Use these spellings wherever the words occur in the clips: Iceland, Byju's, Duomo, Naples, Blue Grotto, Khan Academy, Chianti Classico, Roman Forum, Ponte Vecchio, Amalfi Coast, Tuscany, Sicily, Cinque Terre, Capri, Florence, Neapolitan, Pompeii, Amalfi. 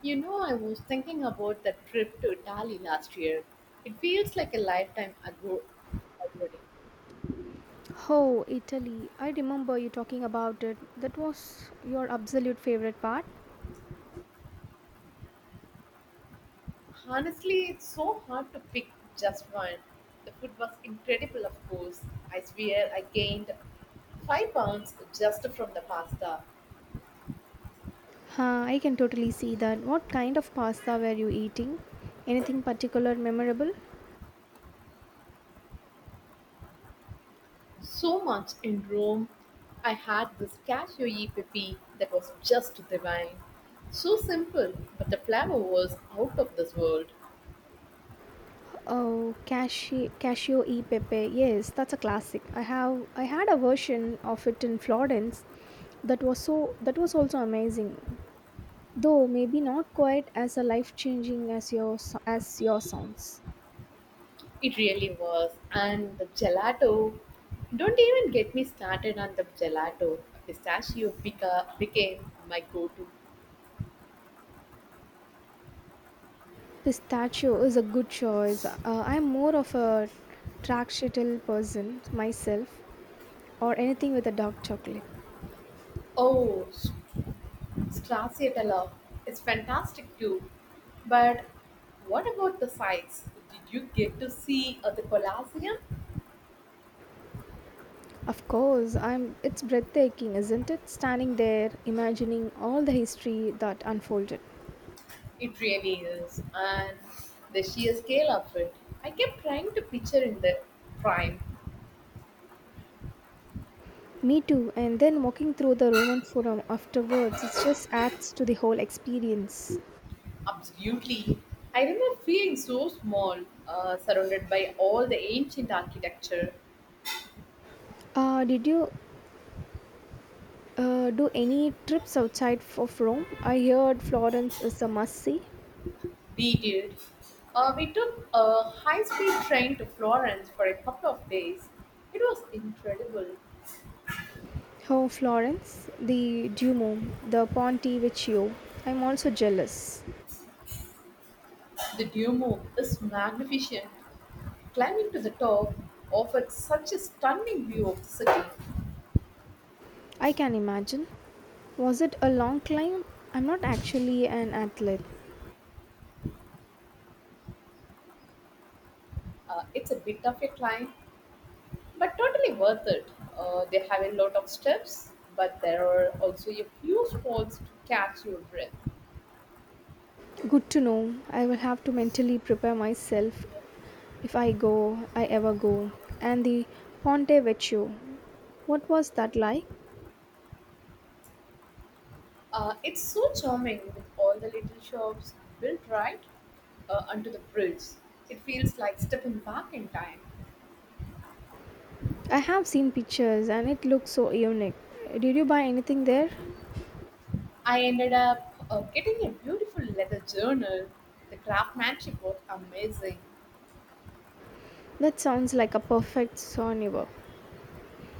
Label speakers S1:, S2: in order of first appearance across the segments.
S1: You know, I was thinking about that trip to Italy last year. It feels like a lifetime ago already.
S2: Oh, Italy. I remember you talking about it. That was your absolute favorite part.
S1: Honestly, it's so hard to pick just one. The food was incredible, of course. I swear I gained 5 pounds just from the pasta.
S2: Huh, I can totally see that. What kind of pasta were you eating? Anything particular memorable?
S1: So much in Rome. I had this cashew e pepe that was just divine. So simple, but the flavor was out of this world.
S2: Oh, cashew e pepe. Yes, that's a classic. I had a version of it in Florence. That was also amazing. Though maybe not quite as a life-changing as your sounds.
S1: It really was. And the gelato. Don't even get me started on the gelato. Became my go to.
S2: Pistachio is a good choice. I'm more of a tracksheetle person myself, or anything with a dark chocolate.
S1: Oh, s- stracciatella. It's fantastic too. But what about the sights? Did you get to see the Colosseum?
S2: Of course, I'm. It's breathtaking, isn't it? Standing there, imagining all the history that unfolded.
S1: It really is. And the sheer scale of it. I kept trying to picture in the prime.
S2: Me too. And then walking through the Roman Forum afterwards, it just adds to the whole experience.
S1: Absolutely. I remember feeling so small, surrounded by all the ancient architecture.
S2: Did you do any trips outside of Rome? I heard Florence is a must see.
S1: We did. We took a high speed train to Florence for a couple of days. It was incredible.
S2: Oh, Florence, the Duomo, the Ponte Vecchio. I'm also jealous.
S1: The Duomo is magnificent. Climbing to the top offered such a stunning view of the city.
S2: I can imagine. Was it a long climb? I'm not actually an athlete.
S1: It's a bit of a climb, but totally worth it. They have a lot of steps, but there are also a few spots to catch your breath.
S2: Good to know. I will have to mentally prepare myself if I go, I ever go. And the Ponte Vecchio. What was that like?
S1: It's so charming with all the little shops built right under the bridge. It feels like stepping back in time.
S2: I have seen pictures and it looks so unique. Did you buy anything there?
S1: I ended up getting a beautiful leather journal. The craftsmanship was amazing.
S2: That sounds like a perfect souvenir.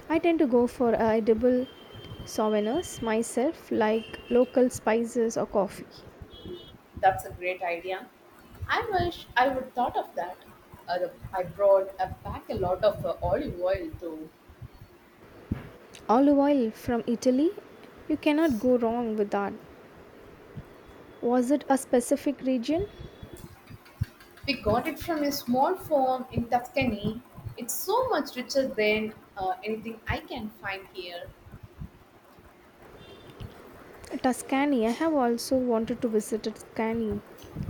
S2: I tend to go for edible souvenirs myself, like local spices or coffee.
S1: That's a great idea. I wish I would thought of that. I brought back a lot of olive oil though.
S2: Olive oil from Italy, you cannot go wrong with that. Was it a specific region?
S1: We got it from a small farm in Tuscany. It's so much richer than anything I can find here.
S2: Tuscany. I have also wanted to visit Tuscany.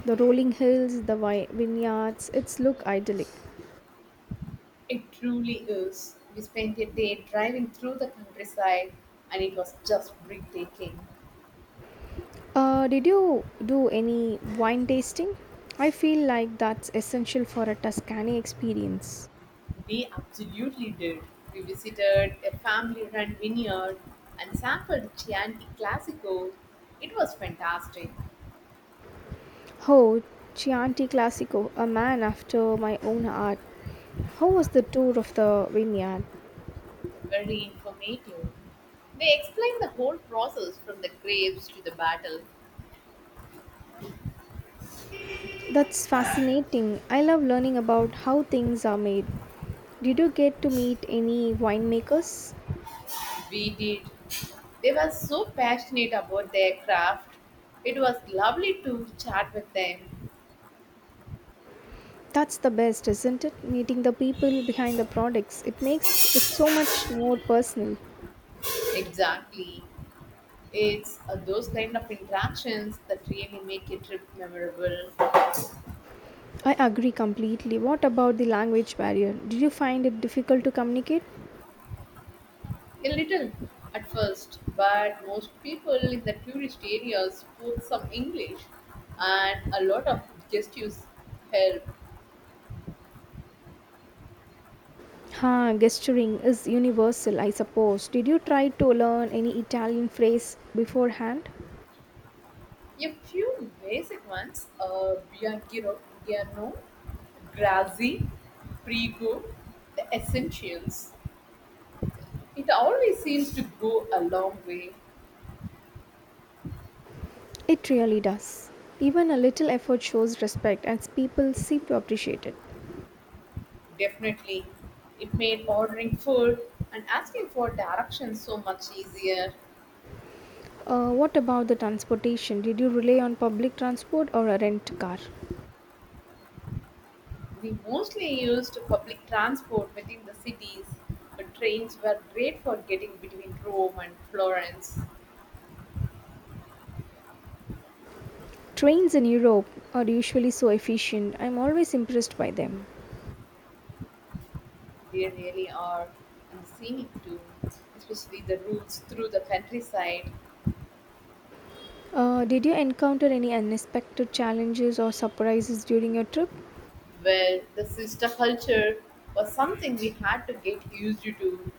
S2: The rolling hills, the vineyards, it's look idyllic.
S1: It truly is. We spent a day driving through the countryside and it was just breathtaking.
S2: Did you do any wine tasting? I feel like that's essential for a Tuscany experience.
S1: We absolutely did. We visited a family run vineyard and sampled Chianti Classico. It was fantastic,
S2: Oh, Chianti Classico, a man after my own heart. How was the tour of the vineyard?
S1: very informative. They explained the whole process from the grapes to the bottle.
S2: That's fascinating. I love learning about how things are made. Did you get to meet any winemakers?
S1: We did. They were so passionate about their craft. It was lovely to chat with them.
S2: That's the best, isn't it? Meeting the people behind the products. It makes it so much more personal.
S1: Exactly. It's those kind of interactions that really make a trip memorable.
S2: I agree completely. What about the language barrier? Did you find it difficult to communicate?
S1: A little at first, but most people in the tourist areas spoke some English and a lot of gestures help.
S2: Huh, gesturing is universal, I suppose. Did you try to learn any Italian phrase beforehand?
S1: A few basic ones, Bianchiro, Giano, Grazi, Prego, the essentials. It always seems to go a long way.
S2: It really does. Even a little effort shows respect, and people seem to appreciate it.
S1: Definitely. It made ordering food and asking for directions so much easier.
S2: What about the transportation? Did you rely on public transport or a rent car?
S1: We mostly used public transport within the cities, but trains were great for getting between Rome and Florence.
S2: Trains in Europe are usually so efficient. I'm always impressed by them.
S1: They really are, and scenic too, especially the routes through the countryside,
S2: Did you encounter any unexpected challenges or surprises during your trip?
S1: where the sister culture was something we had to get used to.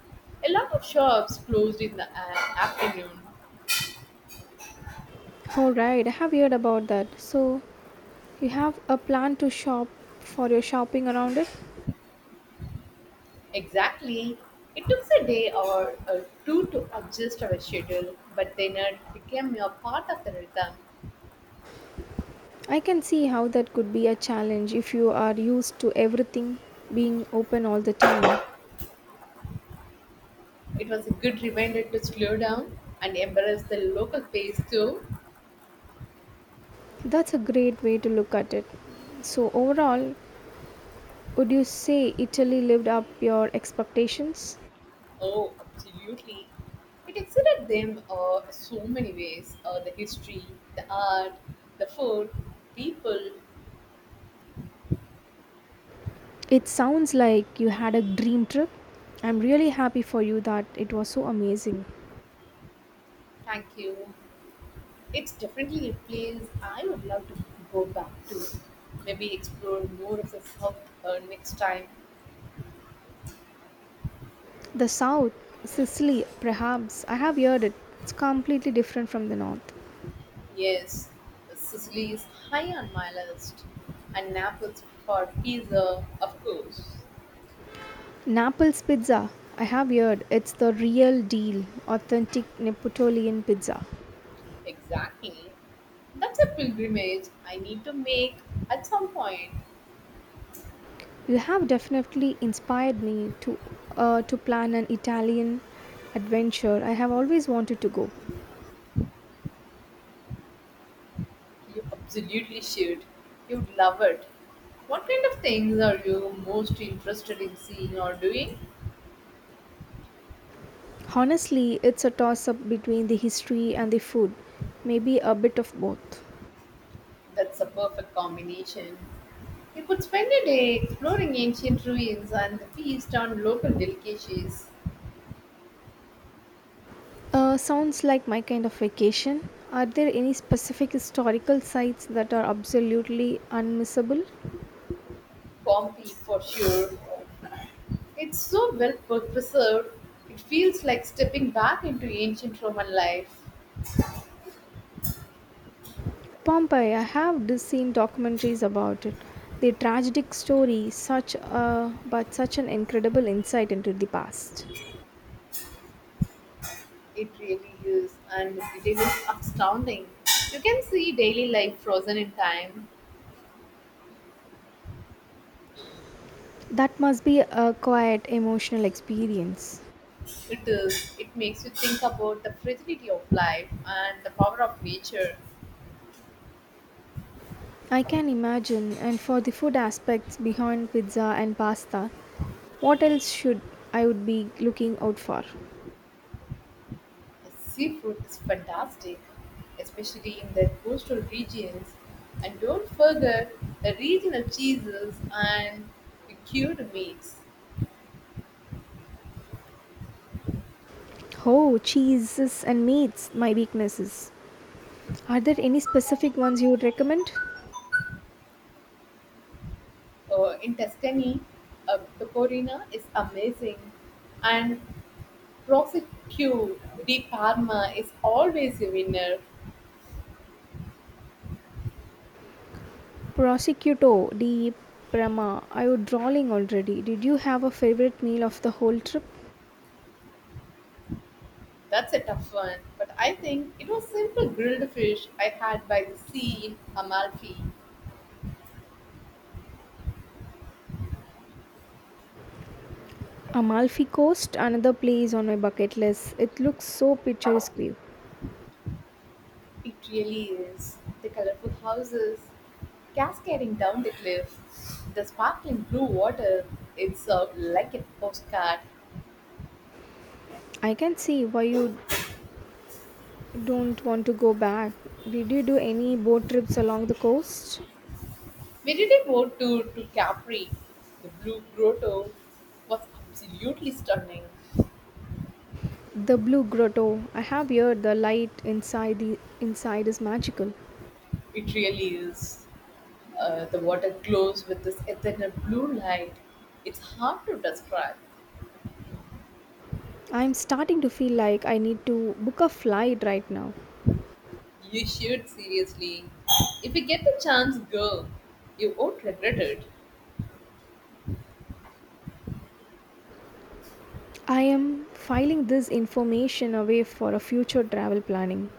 S1: A lot of shops closed in the afternoon.
S2: All right, I have heard about that. So, you have a plan to shop for your shopping around it?
S1: Exactly. It took a day or two to adjust our schedule, but then it became a part of the rhythm.
S2: I can see how that could be a challenge if you are used to everything being open all the time.
S1: It was a good reminder to slow down and embrace the local pace too.
S2: That's a great way to look at it. So, overall, would you say Italy lived up your expectations?
S1: Oh, absolutely. It excited them so many ways, the history, the art, the food, people.
S2: It sounds like you had a dream trip. I'm really happy for you that it was so amazing.
S1: Thank you. It's definitely a place I would love to go back to. Maybe explore more of the South next time.
S2: The south, Sicily, perhaps, I have heard it. It's completely different from the north.
S1: Yes, Sicily is high on my list. And Naples for pizza, of course.
S2: Naples Pizza. I have heard it's the real deal, authentic Neapolitan pizza.
S1: Exactly. That's a pilgrimage I need to make at some point.
S2: You have definitely inspired me to plan an Italian adventure. I have always wanted to go.
S1: You absolutely should. You'd love it. What kind of things are you most interested in seeing or doing?
S2: Honestly, it's a toss up between the history and the food, maybe a bit of both.
S1: That's a perfect combination. You could spend a day exploring ancient ruins and feast on local delicacies.
S2: Sounds like my kind of vacation. Are there any specific historical sites that are absolutely unmissable?
S1: Pompeii for sure. It's so well per- preserved, it feels like stepping back into ancient Roman life.
S2: Pompeii, I have seen documentaries about it. The tragic story, such a but such an incredible insight into the past.
S1: It really is, and it is astounding. You can see daily life frozen in time.
S2: That must be a quiet emotional experience.
S1: It is. It makes you think about the fragility of life and the power of nature.
S2: I can imagine. And for the food aspects behind pizza and pasta, what else should I would be looking out for?
S1: The seafood is fantastic, especially in the coastal regions. And don't forget the regional cheeses and the cured meats.
S2: Oh, cheeses and meats, my weaknesses. Are there any specific ones you would recommend?
S1: In Tuscany, pecorina is amazing, and prosecco di Parma is always a winner.
S2: Prosecutor D. Prama, are you drawling already? Did you have a favorite meal of the whole trip?
S1: That's a tough one, but I think it was simple grilled fish I had by the sea in Amalfi.
S2: Amalfi Coast, another place on my bucket list. It looks so picturesque.
S1: It really is. The colorful houses cascading down the cliff, the sparkling blue water, it's like a postcard.
S2: I can see why you don't want to go back. Did you do any boat trips along the coast?
S1: We did a boat tour to Capri. The Blue Grotto was absolutely stunning.
S2: The Blue Grotto. I have heard the light inside is magical.
S1: It really is. The water glows with this ethereal blue light. It's hard to describe.
S2: I'm starting to feel like I need to book a flight right now.
S1: You should, seriously. If you get the chance, go. You won't regret it.
S2: I am filing this information away for a future travel planning.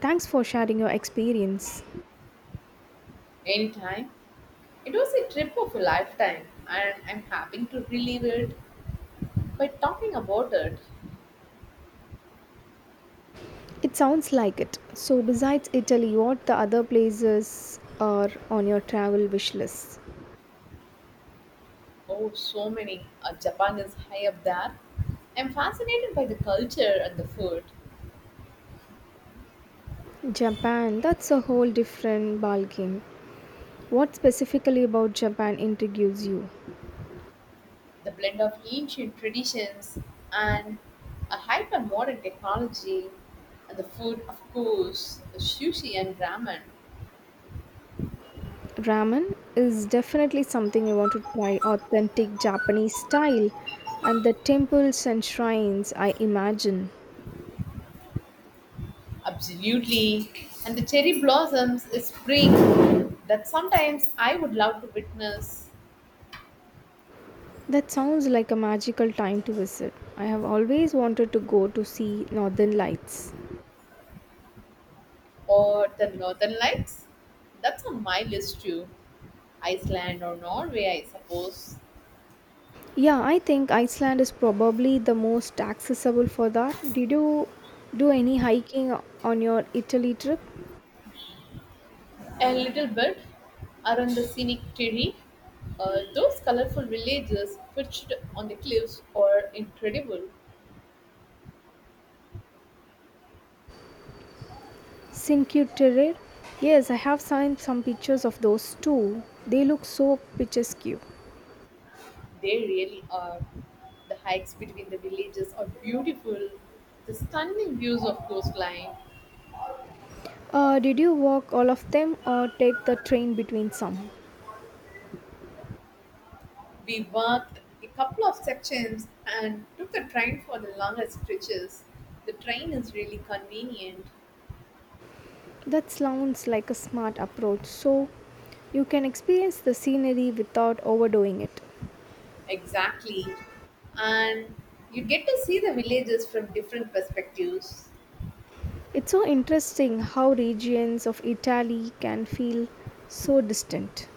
S2: Thanks for sharing your experience.
S1: Anytime. It was a trip of a lifetime, and I'm having to relive it by talking about it.
S2: It sounds like it. So, besides Italy, what the other places are on your travel wish list?
S1: Oh, so many. Japan is high up there. I'm fascinated by the culture and the food,
S2: Japan, that's a whole different ballgame. What specifically about Japan intrigues you?
S1: the blend of ancient traditions and a hyper modern technology, and the food, of course, the sushi and ramen.
S2: Ramen is definitely something I want to try authentic Japanese style and the temples and shrines I imagine.
S1: Absolutely. And the cherry blossoms is spring that sometimes I would love to witness,
S2: That sounds like a magical time to visit. I have always wanted to go to see northern lights.
S1: or the northern lights. That's on my list too. Iceland or Norway, I suppose.
S2: Yeah, I think Iceland is probably the most accessible for that. Did you do any hiking on your Italy trip?
S1: A little bit around the scenic Terry, those colorful villages perched on the cliffs are incredible.
S2: Cinque Terre? Yes, I have seen some pictures of those too. They look so picturesque.
S1: They really are. The hikes between the villages are beautiful. The stunning views of coastline.
S2: Did you walk all of them or take the train between some?
S1: We walked a couple of sections and took the train for the longer stretches. The train is really convenient.
S2: That sounds like a smart approach. So you can experience the scenery without overdoing it.
S1: Exactly. And you get to see the villages from different perspectives.
S2: It's so interesting how regions of Italy can feel so distant.